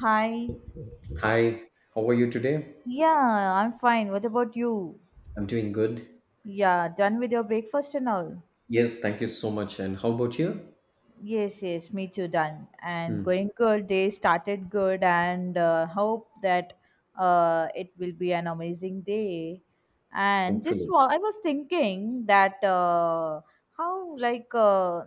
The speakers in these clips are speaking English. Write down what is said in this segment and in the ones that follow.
Hi. Hi, how are you today? Yeah, I'm fine. What about you? I'm doing good. Yeah, done with your breakfast and all. Yes, thank you so much. And how about you? Yes, yes, me too, done. And Hmm, going good. Day started good, and hope that it will be an amazing day. And hopefully. I was thinking that how,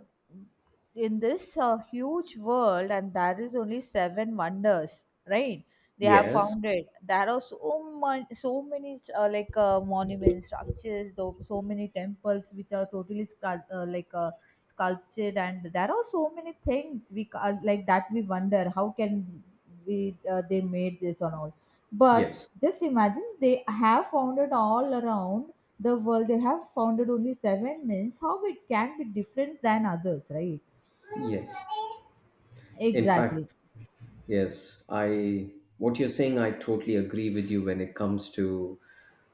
in this huge world, and there is only seven wonders, right? They have Yes, found it. There are so much, so many monuments, structures, though, so many temples which are totally sculpted did and there are so many things like that we wonder how can we they made this and all but yes, just imagine they have founded all around the world. They have founded only seven. Means how it can be different than others, right? yes. In fact, Exactly. yes, I what you're saying, I totally agree with you when it comes to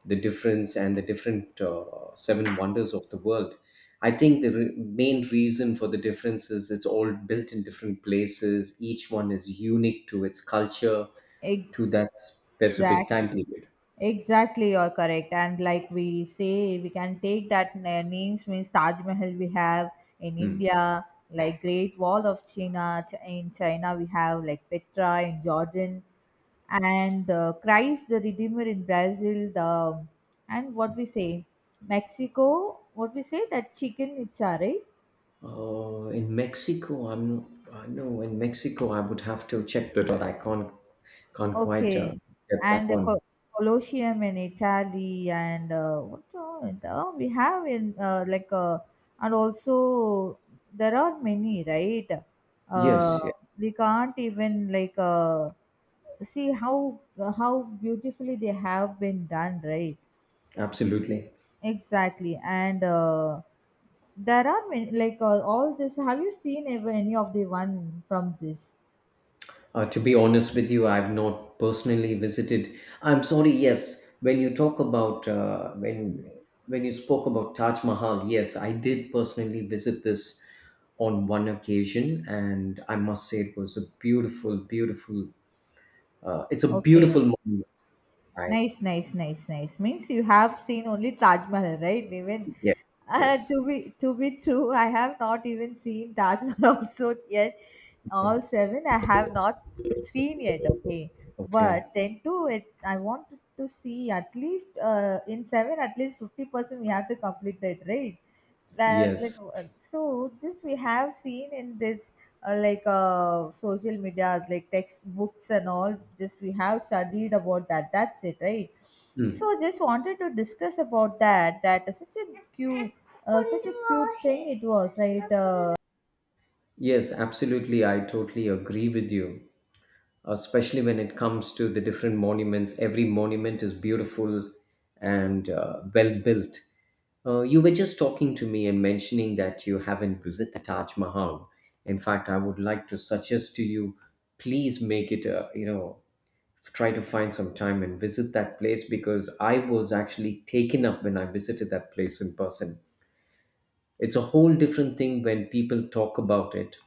the difference and the different seven wonders of the world. I think the main reason for the difference is it's all built in different places. Each one is unique to its culture, to that specific time Exactly. period. Exactly, you're correct. And like we say, we can take that names. Means Taj Mahal we have in Hmm. India, like Great Wall of China in China, we have like Petra in Jordan, and the Christ the Redeemer in Brazil. The and what we say, Mexico. What we say that chicken itza, right? In Mexico, I know in Mexico I would have to check that out. I can't quite Okay. get that And the one. Co Colosseum in Italy and what all oh, we have in and also there are many, right? Uh, Yes, yes, we can't even see how beautifully they have been done, right? absolutely. Exactly. And there are many all this. Have you seen ever any of the one from this? To be honest with you, I've not personally visited. I'm sorry. Yes, when you talk about when you spoke about Taj Mahal, yes, I did personally visit this on one occasion, and I must say it was a beautiful, beautiful. It's a Okay. beautiful moment. I, Nice, nice, nice, nice. Means you have seen only Taj Mahal, right? Even yeah, uh, to yes. be to be true, I have not even seen Taj Mahal also yet. Okay. All seven I have not seen yet. Okay, but Okay. then too, it I want to see at least in seven at least 50% we have to complete it, right? That Yes. So just we have seen in this social medias like textbooks and all. Just we have studied about that, that's it, right? Hmm. So just wanted to discuss about that. That is cute such a cute thing it was, right? Yes, absolutely. I totally agree with you, especially when it comes to the different monuments. Every monument is beautiful and well built. You were just talking to me and mentioning that you haven't visited the Taj Mahal. In fact, I would like to suggest to you, please make it a, you know, try to find some time and visit that place because I was actually taken up when I visited that place in person. It's a whole different thing when people talk about it,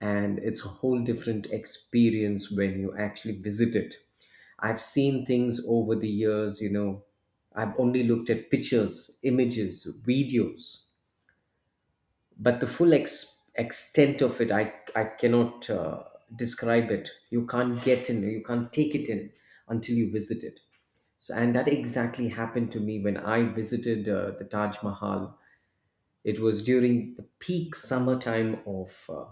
and it's a whole different experience when you actually visit it. I've seen things over the years, you know, I've only looked at pictures, images, videos, but the full extent of it, I cannot describe it. You can't get in, you can't take it in until you visit it. So, and that exactly happened to me when I visited the Taj Mahal. It was during the peak summertime of, uh,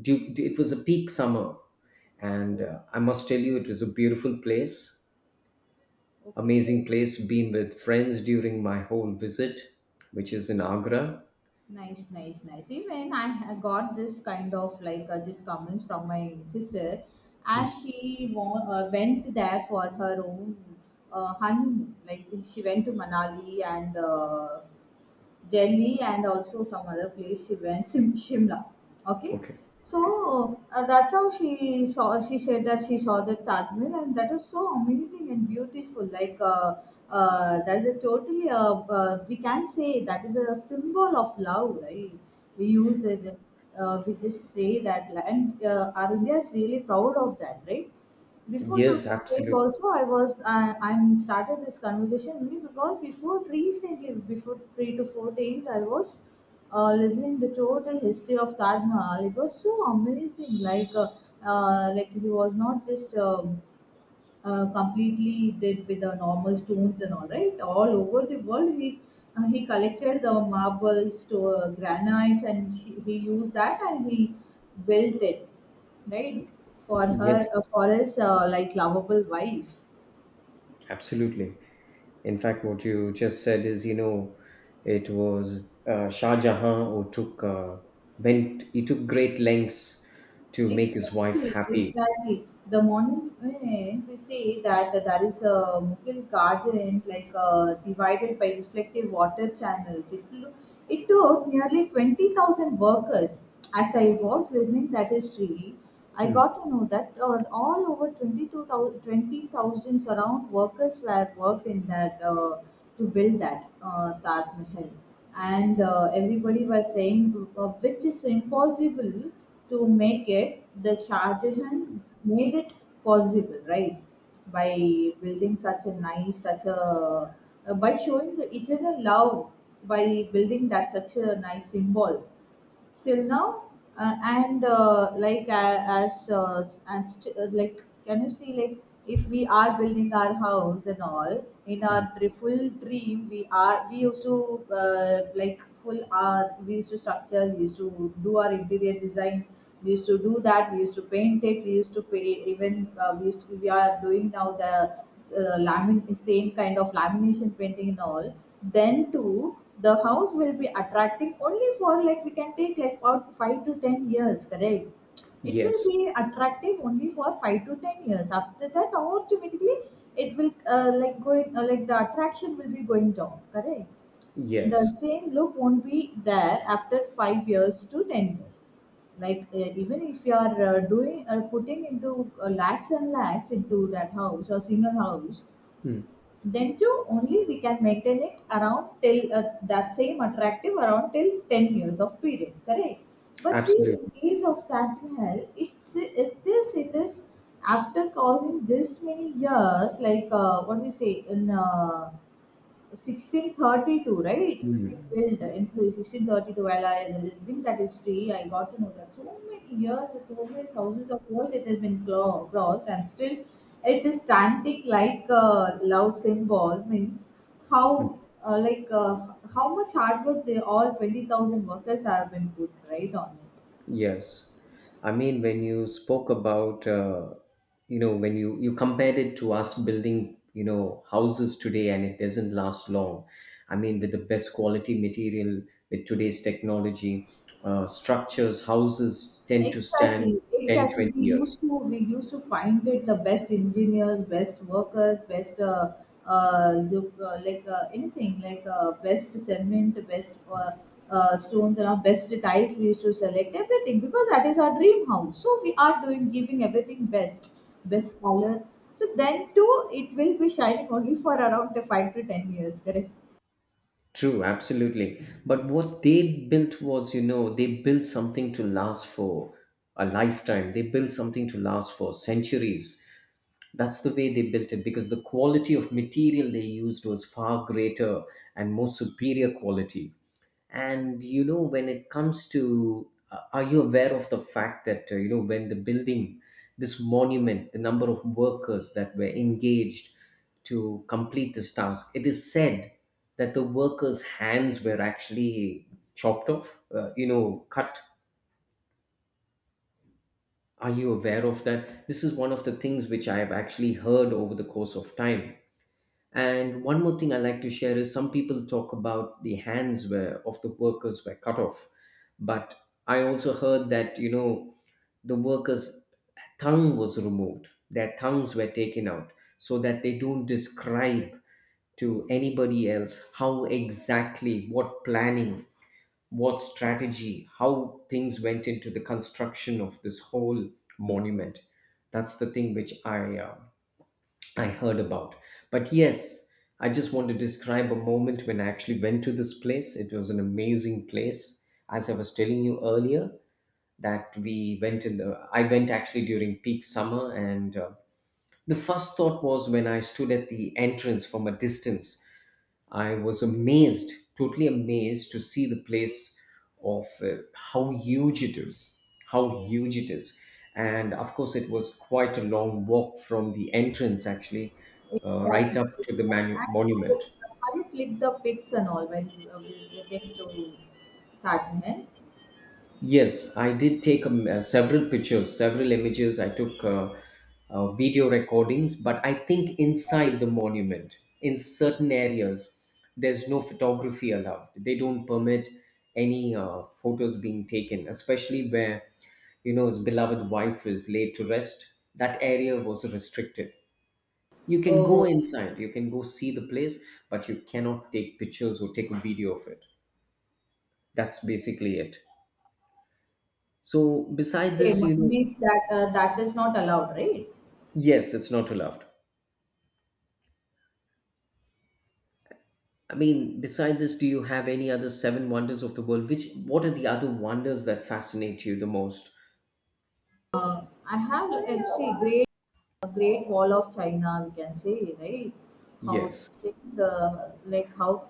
du- it was a peak summer. And I must tell you, it was a beautiful place, Okay, amazing yes. place, been with friends during my whole visit, which is in Agra. Nice, nice, nice. Even I got this kind of this comments from my sister as Mm, she went there for her own honeymoon. Like she went to Manali and Delhi and also some other place. She went Shimla. Okay. okay. Okay. So that's how she saw. She said that she saw the Taj Mahal, and that is so amazing and beautiful. That is a totally. We can say that is a symbol of love, right? We use it. We just say that, like, and our India is really proud of that, right? Before Yes, 2008 absolutely. also I was I'm started this conversation only because before recently before 3 to 4 days I was listening the total history of Taj Mahal. It was so amazing. Like he was not just completely did with the normal stones and all, right? All over the world he collected the marbles to granites and he used that and he built it, right? For her Yes, for his like lovable wife. absolutely. In fact, what you just said is, you know, it was Shah Jahan who took went he took great lengths to make his wife Exactly, happy. exactly. The moment we see that there is a Mughal garden divided by reflective water channels, it took nearly 20,000 workers. As I was listening that history, I Hmm. got to know that all over 22,000 around workers were worked in that to build that Taj Mahal. And everybody was saying which is impossible to make it. The Shah Jahan made it possible, right? By building such a nice such a by showing the eternal love, by building that such a nice symbol, still now and like can you see? Like if we are building our house and all, in our full dream, we are we used to like full our we used to structure. We used to do our interior design, we used to do that, we used to paint it, we used to pay. Even we used to, we are doing now the same kind of lamination painting and all. Then too, the house will be attracting only for like we can take like about 5 to 10 years, correct? It will Yes, be attractive only for 5 to 10 years. After that, automatically, it will like going like the attraction will be going down, correct? The yes, same look won't be there after 5 years to 10 years. Even if you are doing putting into lakhs and lakhs into that house or single house, mm, then too, only we can maintain it around till that same attractive around till 10 years of period, correct? But see, in absolutely. case of Taj Mahal, it is after causing this many years, what do you say in 1632, right? He Mm, Built in 1632. While I was living that history, I got to know that so many years, so many thousands of years it has been crossed, and still it is static like a love symbol. Means how, mm, uh, like, uh, how much hard work they all 20,000 workers have been put right on it. yes. I mean, when you spoke about, you know, when you compared it to us building, you know, houses today and it doesn't last long. I mean, with the best quality material, with today's technology, structures, houses tend to stand Exactly, 10 exactly. 20 We used years. to we used to find it the best engineers, best workers, best the, like anything like best cement, best stones, and our best tiles. We used to select everything because that is our dream house. So we are doing giving everything best, best color. So then too, it will be shining only for around the 5 to 10 years. Correct. True, absolutely. But what they built was, you know, they built something to last for a lifetime. They built something to last for centuries. That's the way they built it because the quality of material they used was far greater and more superior quality. And you know, when it comes to, are you aware of the fact that, you know, when the building, this monument, the number of workers that were engaged to complete this task, it is said that the workers' hands were actually chopped off, you know, cut. Are you aware of that? This is one of the things which I have actually heard over the course of time. And one more thing I like to share is some people talk about the hands were of the workers were cut off, but I also heard that you know the workers' tongue was removed, their tongues were taken out, so that they don't describe to anybody else how exactly what planning, what strategy, how things went into the construction of this whole monument. That's the thing which I heard about. But yes, I just want to describe a moment when I actually went to this place. It was an amazing place. As I was telling you earlier, that we went in the, I went actually during peak summer, and the first thought was when I stood at the entrance from a distance I was amazed, totally amazed to see the place of how huge it is, how huge it is. And of course, it was quite a long walk from the entrance, actually, right Exactly. up to the And monument. How you click the pics and all when you visiting to Taj Mahal? Yes, I did take several pictures, several images. I took video recordings, but I think inside the monument, in certain areas, there's no photography allowed. They don't permit any photos being taken, especially where, you know, his beloved wife is laid to rest. That area was restricted. You can go Oh, inside, you can go see the place, but you cannot take pictures or take a video of it. That's basically it. So, beside okay. this, you know, Means that that is not allowed, right? yes, it's not too loved. I mean, beside this, do you have any other seven wonders of the world? Which what are the other wonders that fascinate you the most? I have see great. A Great Wall of China, we can say, right? How Yes. thick the like how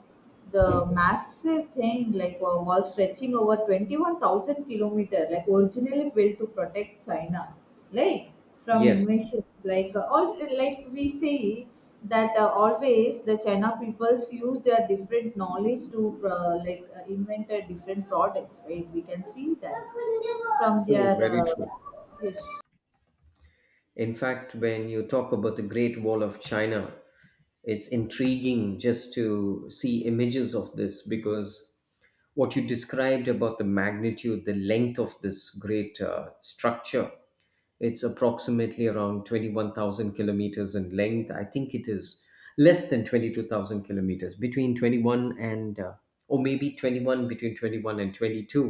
the massive thing, like a wall stretching over 21,000 kilometer, like originally built to protect China, like from Yes. invasion, all like we say that always the China peoples use their different knowledge to invent different products, right? We can see that from True, their very true. history. In fact, when you talk about the Great Wall of China, it's intriguing just to see images of this because what you described about the magnitude, the length of this great structure. It's approximately around 21,000 kilometers in length. I think it is less than 22,000 kilometers, between 21 and, or maybe 21, between 21 and 22.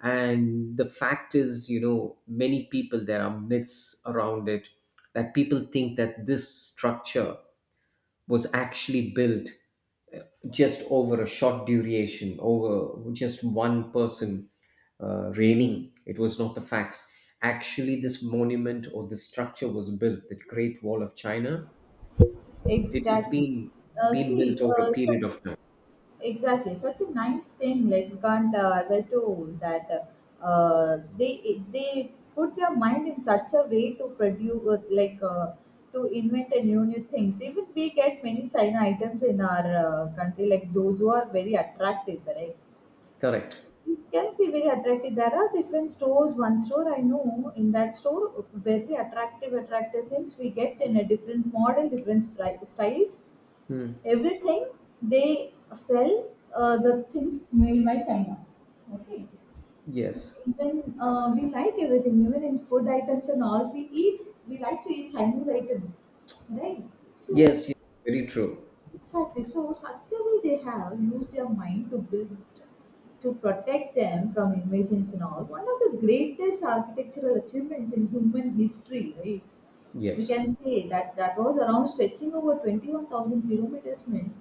And the fact is, you know, many people, there are myths around it that people think that this structure was actually built uh, just over a short duration, over just one person reigning. It was not the facts. Actually, this monument or this structure was built, the Great Wall of China. It has Exactly. Uh, been built see, over a uh, su- period of time. exactly. Such a nice thing. Like you can't. Gandhi, as I told, that they put their mind in such a way to produce, to invent a new things. Even we get many China items in our country, like those who are very attractive, right? Correct. You can see very attractive. There are different stores. One store I know. In that store, very attractive, attractive things we get in a different model, different styles, Hmm. everything. They sell the things made by China. Okay, so Yes. even we like everything, even in food items and all. We eat, we like to eat Chinese items, right? So Yes. Yes. Very true. exactly. So actually, they have used their mind to build to protect them from invasions and all. One of the greatest architectural achievements in human history, right? We Yes. can say that that was around stretching over 21,000 kilometers, mean,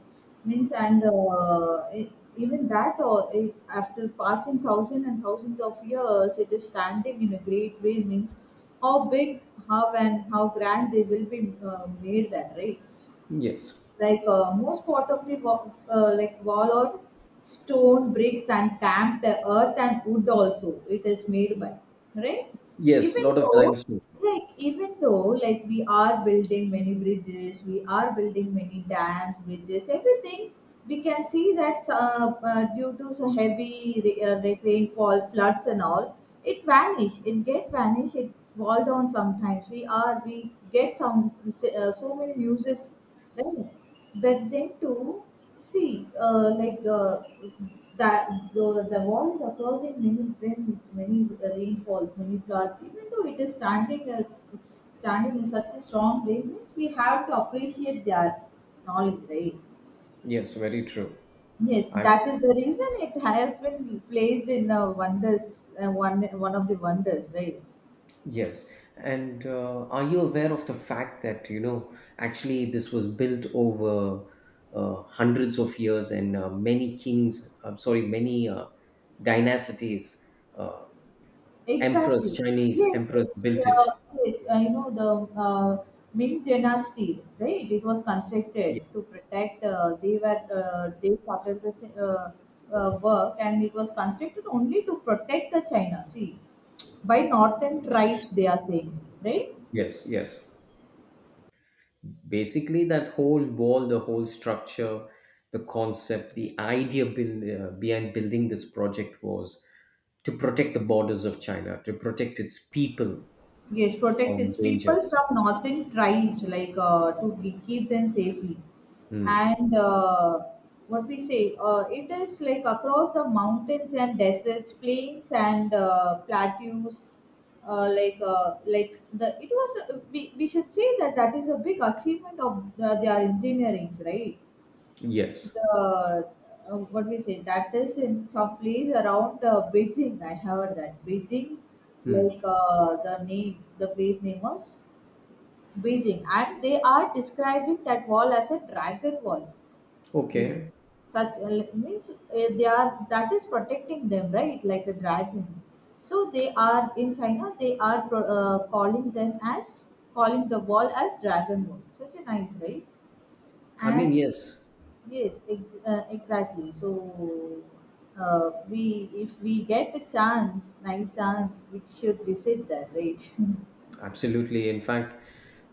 means, and even that, or it, after passing thousands and thousands of years, it is standing in a great way. Means how big, how and how grand they will be made. That, right? Yes. Most part of the like wall or stone bricks and stamped earth and wood also it is made by, right? Yes. Even Lot of though limestone. like even though like we are building many bridges, we are building many dams, bridges, everything, we can see that due to so heavy like rainfall, floods, and all, it vanish. It get vanish. It fall down sometimes. We are we get some so many newses, right? But then to see that the, the wall is across in many winds, many rainfalls, many floods. Even though it is standing as standing in such a strong way, means we have to appreciate their knowledge, right? Yes. Very true. Yes, I that is the reason it has been placed in the wonders, one of the wonders, right? yes, and are you aware of the fact that you know actually this was built over hundreds of years and many kings, I'm sorry, many dynasties, uh, emperors, Exactly. Chinese Yes, emperors yes, built it. yeah, yes. I know the Ming Dynasty, right? It was Ye- constructed to protect. They started with work, and it was constructed only to protect the China. See, by northern tribes, they are saying, right? yes, yes. Basically, that whole wall, the whole structure, the concept, the idea build, behind building this project was to protect the borders of China, to protect its people Yes, protect from its people dangers. from northern tribes, like keep them safely. Hmm. And what we say, it is like across the mountains and deserts, plains and plateaus. Like the It was, we should say that that is a big achievement of the, their engineerings, right? Yes. the What we say, that is in some place around Beijing. I heard that Beijing, Hmm. The name, the place name was Beijing, and they are describing that wall as a dragon wall, even Okay. such like, means they are that is protecting them, right? Like a dragon. So they are in China. They are calling them as calling the wall as dragon wall. Such a nice, right? I mean, And yes, Yes, exactly. So, we if we get the chance, nice chance, we should visit that, right? absolutely. In fact,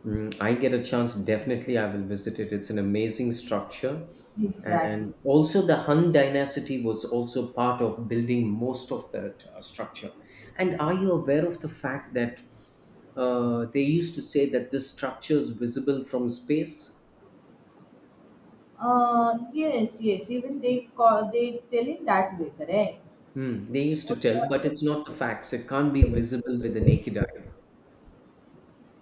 mm, I get a chance, definitely I will visit it. It's an amazing structure. Exactly. And also, the Han dynasty was also part of building most of that structure. And are you aware of the fact that they used to say that this structure is visible from space? Yes, yes. Even they call they tell it that way, correct? Hmm. They used Or, to tell, but it's yes. not the facts. It can't be visible with the naked eye.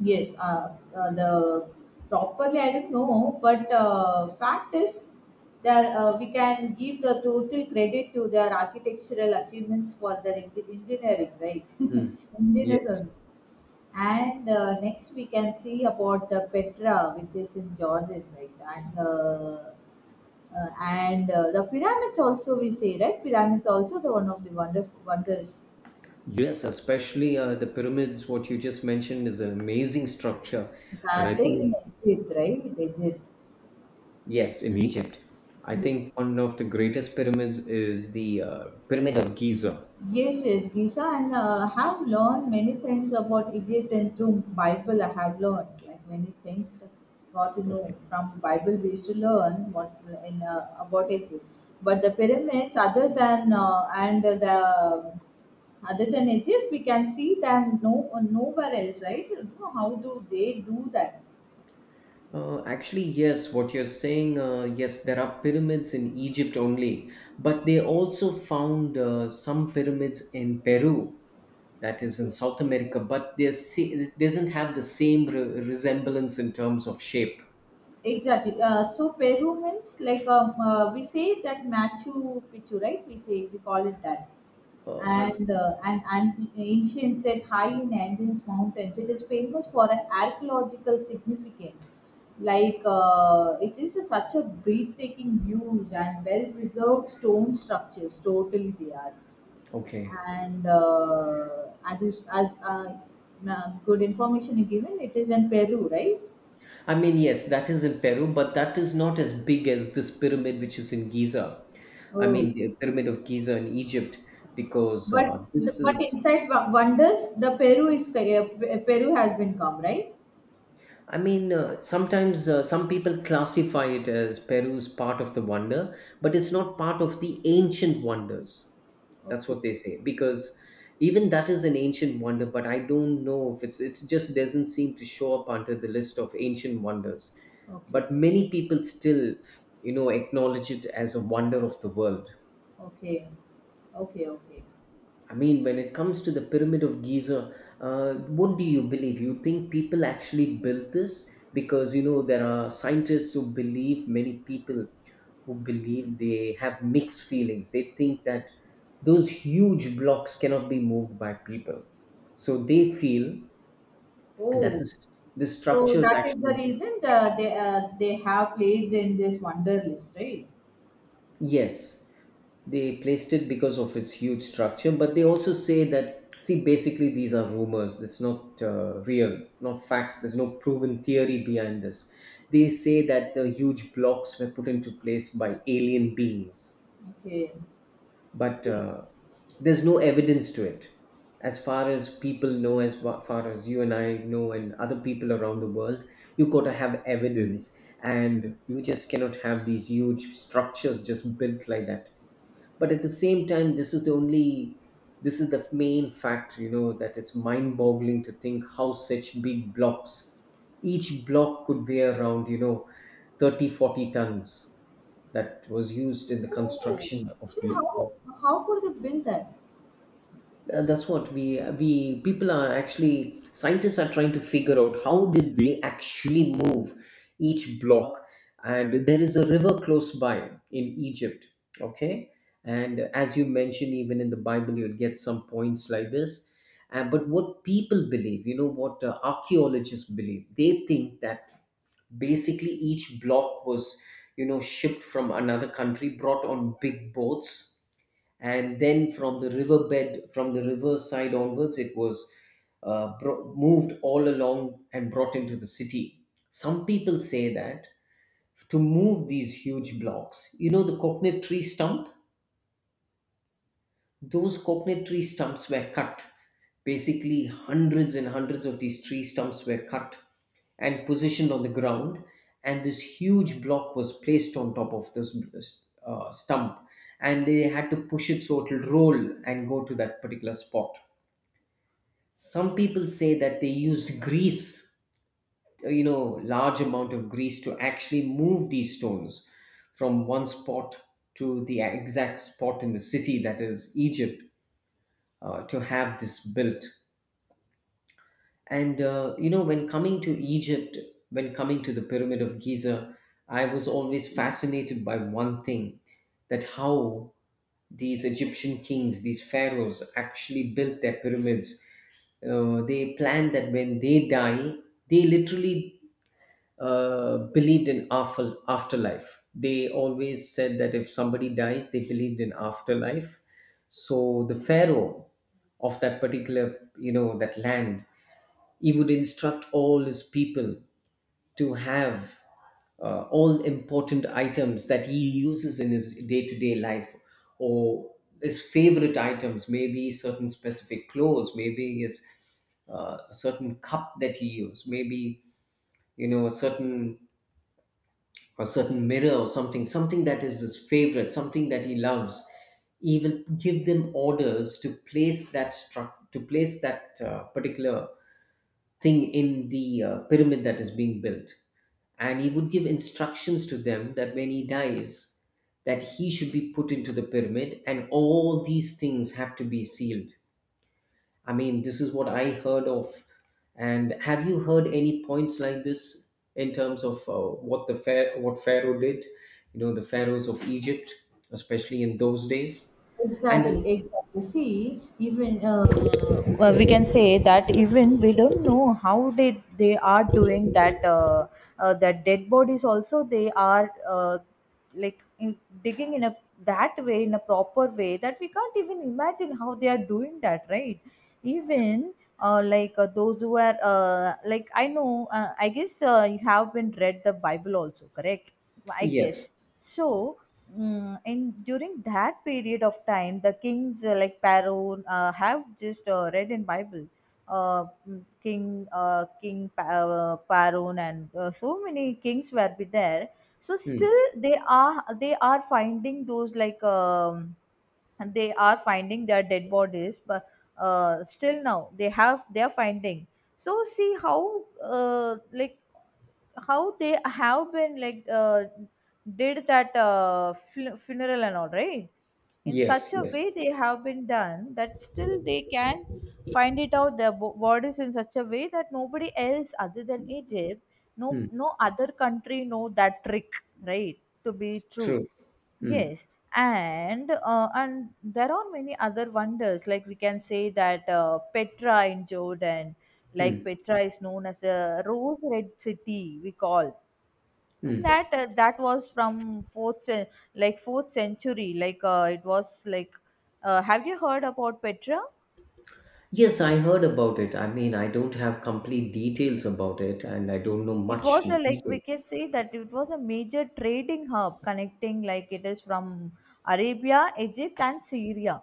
Yes. The properly I don't know, but fact is that we can give the total credit to their architectural achievements for their engineering, right? Hmm. Engineers Yes. only. And next we can see about the Petra, which is in Jordan, right? And The pyramids also we say, right? Pyramids also the one of the wonderful wonders Yes, especially the pyramids, what you just mentioned is an amazing structure. And I that is in think, Egypt, right? In Egypt. yes, in Egypt, I think Yes. one of the greatest pyramids is the Pyramid of Giza. Yes, yes, Gisa, and have learned many things about Egypt and through Bible. I have learned like many things got to know Okay. from Bible. We used to learn what in about Egypt, but the pyramids, other than and the other than Egypt, we can see them no nowhere else, right? How do they do that? Actually, yes, what you're saying, yes, there are pyramids in Egypt only, but they also found some pyramids in Peru, that is in South America, but they it doesn't have the same resemblance in terms of shape. Exactly. So Peru means like we say that Machu Picchu, right? We say we call it that. I And an ancient set high in Andes mountains. It is famous for an archaeological significance. It is a, such a breathtaking views and well-preserved stone structures. Totally, they are. okay. And as, is- as na- good information is given, it is in Peru, right? I mean, yes, that is in Peru, but that is not as big as this pyramid which is in Giza. I Oh, mean, the pyramid of Giza in Egypt, because but this but is inside wonders, the Peru is Peru has been come, right? I mean, sometimes some people classify it as Peru's part of the wonder, but it's not part of the ancient wonders. That's Okay, what they say because even that is an ancient wonder, but I don't know if it's just doesn't seem to show up under the list of ancient wonders. okay. But many people still, you know, acknowledge it as a wonder of the world. Okay. Okay, okay. I mean, when it comes to the Pyramid of Giza, what do you believe? You think people actually built this? Because, you know, there are scientists who believe, many people who believe they have mixed feelings. They think that those huge blocks cannot be moved by people. So they feel that Oh, this, the so structures that is the actually reason they have placed in this wonder list, right? yes, they placed it because of its huge structure, but they also say that, see, basically these are rumors. It's not real, not facts. There's no proven theory behind this. They say that the huge blocks were put into place by alien beings, Okay. but Okay. There's no evidence to it. As far as people know, as far as you and I know, and other people around the world, you got to have evidence, and you just cannot have these huge structures just built like that. But at the same time, this is the main fact, that it's mind boggling to think how such big blocks, each block could weigh around, 30, 40 tons that was used in the Oh, construction of then the of how could they build that? That's what we people are actually scientists are trying to figure out how did they actually move each block. And there is a river close by in Egypt. Okay. And as you mentioned, even in the Bible you'll get some points like this. But what people believe, what archaeologists believe, they think that basically each block was, shipped from another country, brought on big boats. And then, from the river side onwards, it was moved all along and brought into the city. Some people say that to move these huge blocks, the coconut tree stump those coconut tree stumps were cut. Basically, hundreds and hundreds of these tree stumps were cut and positioned on the ground, and this huge block was placed on top of this stump, and they had to push it so it'll roll and go to that particular spot. Some people say that they used grease, large amount of grease to actually move these stones from one spot to the exact spot in the city, that is Egypt, to have this built. And when coming to Egypt, when coming to the Pyramid of Giza, I was always fascinated by one thing, that how these Egyptian kings, these pharaohs, actually built their pyramids. They planned that when they die, they literally believed in afterlife. They always said that if somebody dies, they believed in afterlife. So the pharaoh of that particular, that land, he would instruct all his people to have all important items that he uses in his day-to-day life, or his favorite items, maybe certain specific clothes, maybe his certain cup that he used, maybe you know a certain a certain mirror or something, something that is his favorite, something that he loves, he will give them orders to place that struct to place that particular thing in the pyramid that is being built, and he would give instructions to them that when he dies, that he should be put into the pyramid, and all these things have to be sealed. I mean, this is what I heard of. And have you heard any points like this in terms of what Pharaoh did? You know, the pharaohs of Egypt, especially in those days. And Exactly, exactly. See, even we can say that even we don't know how they are doing that. That dead bodies also they are like in, digging in a that way in a proper way that we can't even imagine how they are doing that, right? Even those who are I know, I guess you have been read the Bible also, correct? I Yes. guess so, mm, in during that period of time, the kings like Pharaoh have just read in Bible, King Pharaoh and so many kings were be there. So still Hmm. they are finding those like and they are finding their dead bodies, but still now they are finding. So see how how they have been did that funeral and all, right? In Yes, such a yes. way they have been done that, still they can find it out their bodies in such a way that nobody else other than Egypt, no Hmm. no other country know that trick, right? To be true. True. Hmm. Yes. And there are many other wonders. Like we can say that Petra in Jordan, like Hmm. Petra is known as a rose red city, we call. And Hmm. that that was from fourth century, it was like. Have you heard about Petra? Yes, I heard about it. I mean, I don't have complete details about it, and I don't know It much was a, in like we detail. can say that it was a major trading hub connecting, like it is from Arabia, Egypt and Syria,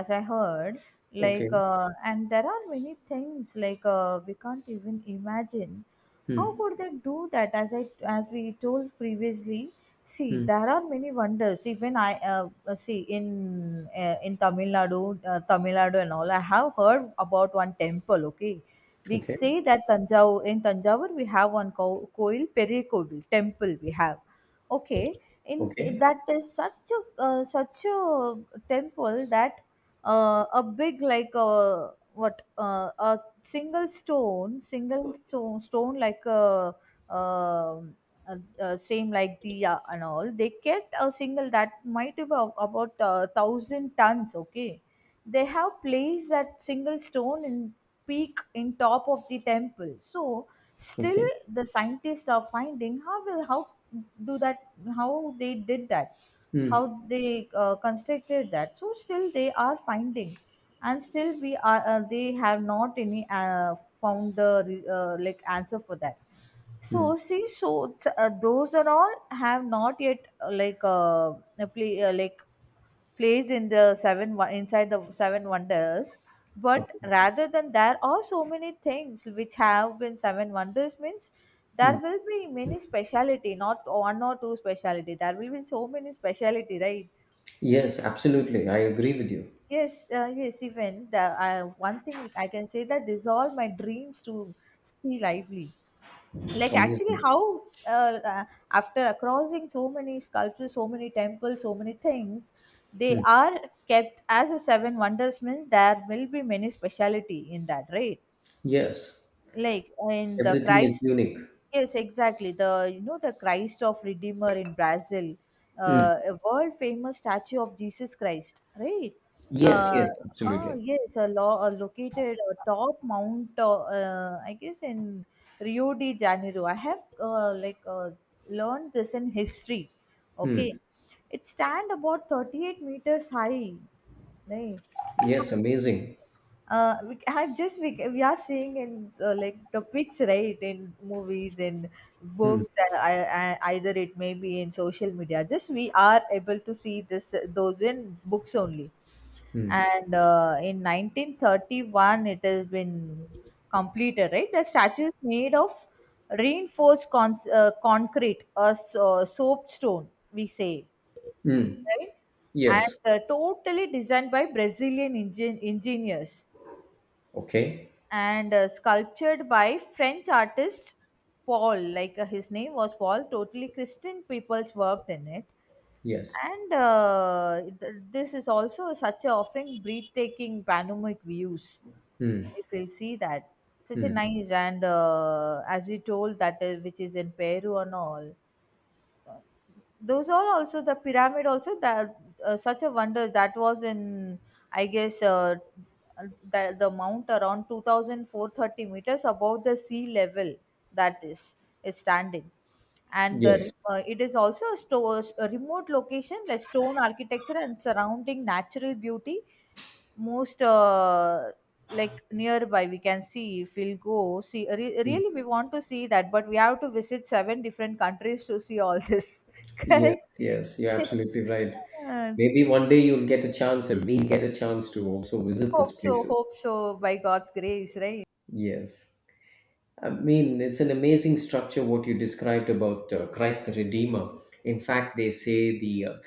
as I heard. Okay. And there are many things like we can't even imagine Hmm. how could they do that. As I as we told previously, see Hmm. there are many wonders. Even I, see in Tamil Nadu, Tamil Nadu and all. I have heard about one temple, okay? We say Okay. that Tanjau, in Tanjavur we have one Koil Peri temple we have. Okay, in, Okay. that is such a such a temple that, a big like what a single stone, Okay. Stone like a um, same like the and all they get a single that might be about thousand tons, okay? They have placed that single stone in peak in top of the temple. So still Okay. the scientists are finding how will how do that, how they did that, how Hmm. they constructed that. So still they are finding, and still we are they have not any found the answer for that. Hmm. So see, so it's, those are all have not yet appli- uh, like placed in the inside the seven wonders. But Okay. rather than, there are so many things which have been seven wonders means there Hmm. will be many speciality, not one or two speciality, there will be so many speciality, right? Yes, absolutely. I agree with you. Yes, yes, even the one thing which I can say that this all my dreams to stay lively. Like actually, Amazing. how uh, uh, after crossing so many sculptures, so many temples, so many things, they Hmm. are kept as a seven wonders means there will be many speciality in that, right? Yes, Like in the everything is Christ. unique. Yes, exactly, the you know the Christ of Redeemer in Brazil, Hmm. A world famous statue of Jesus Christ, right? Yes, uh, yes, absolutely. yes, a law located atop mount, I guess in Rio de Janeiro. I have learned this in history, okay? It stand about 38 meters high, right? See how Yes, amazing. I just we are seeing in topics, right? In movies and Hmm. books, and I, either it may be in social media, just we are able to see this those in books only. Hmm. And in 1931 it has been completed, right? The statue is made of reinforced concrete, a soap stone we say, Hmm. right? And Yes. Totally designed by Brazilian engineers, Okay. and sculptured by French artist Paul, his name was Paul. Totally Christian people's worked in it. Yes. And this is also such a offering breathtaking panoramic views, if you'll see that. Such a nice, and as you told, that is, which is in Peru and all, uh, those all also the pyramid also that such a wonder that was in, I guess the mount around 2,430 meters above the sea level that is standing. And Yes. It is also a, store, a remote location like stone architecture and surrounding natural beauty most nearby we can see. If we'll go see, re- really we want to see that, but we have to visit seven different countries to see all this Yes. correct? Yes. You're absolutely right. Uh, Maybe one day you'll get a chance, and we get a chance to also visit these hope so, places. hope so, by god's grace, right? Yes. I mean, it's an amazing structure what you described about Christ the Redeemer. In fact, they say the uh,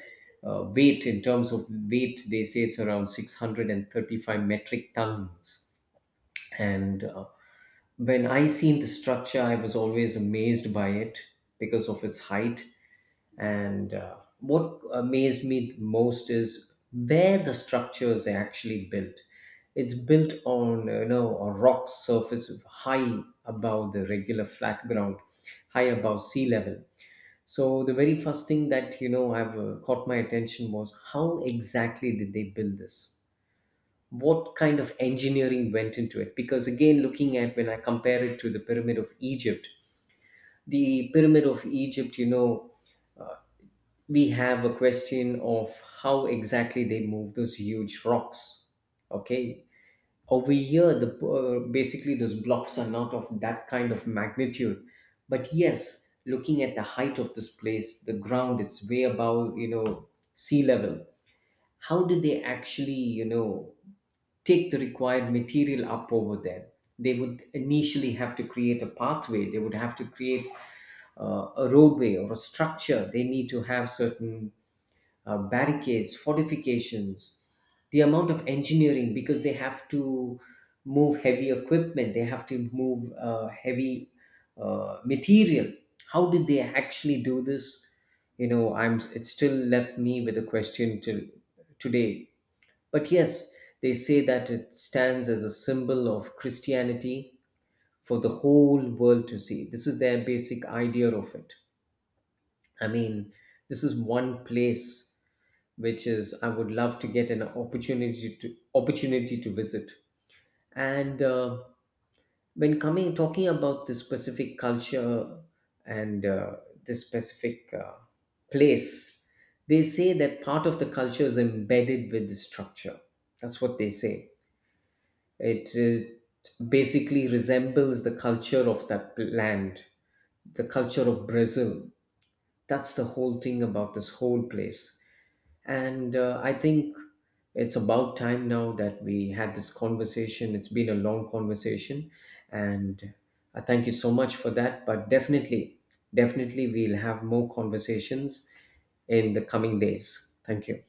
uh, weight, in terms of weight, they say it's around 635 metric tons. And When I seen the structure, I was always amazed by it because of its height, and what amazed me the most is where the structures are actually built. It's built on, a rock surface of high above the regular flat ground, high above sea level. So the very first thing that I've caught my attention was how exactly did they build this? What kind of engineering went into it? Because again, looking at when I compare it to the pyramid of Egypt, the pyramid of Egypt, we have a question of how exactly they move those huge rocks. Okay, over here the basically those blocks are not of that kind of magnitude, but yes, looking at the height of this place, the ground, it's way above, sea level. How did they actually, take the required material up over there? They would initially have to create a pathway, they would have to create a roadway or a structure, they need to have certain barricades, fortifications, the amount of engineering, because they have to move heavy equipment, they have to move heavy material. How did they actually do this? You know, I'm. It still left me with a question till today. But yes, they say that it stands as a symbol of Christianity for the whole world to see. This is their basic idea of it. I mean, this is one place which is I would love to get an opportunity to visit. And When coming talking about this specific culture, and this specific place, they say that part of the culture is embedded with the structure. That's what they say. It basically resembles the culture of that land, the culture of Brazil. That's the whole thing about this whole place, and I think it's about time now that we had this conversation. It's been a long conversation. And I thank you so much for that. But definitely, definitely, we'll have more conversations in the coming days. Thank you.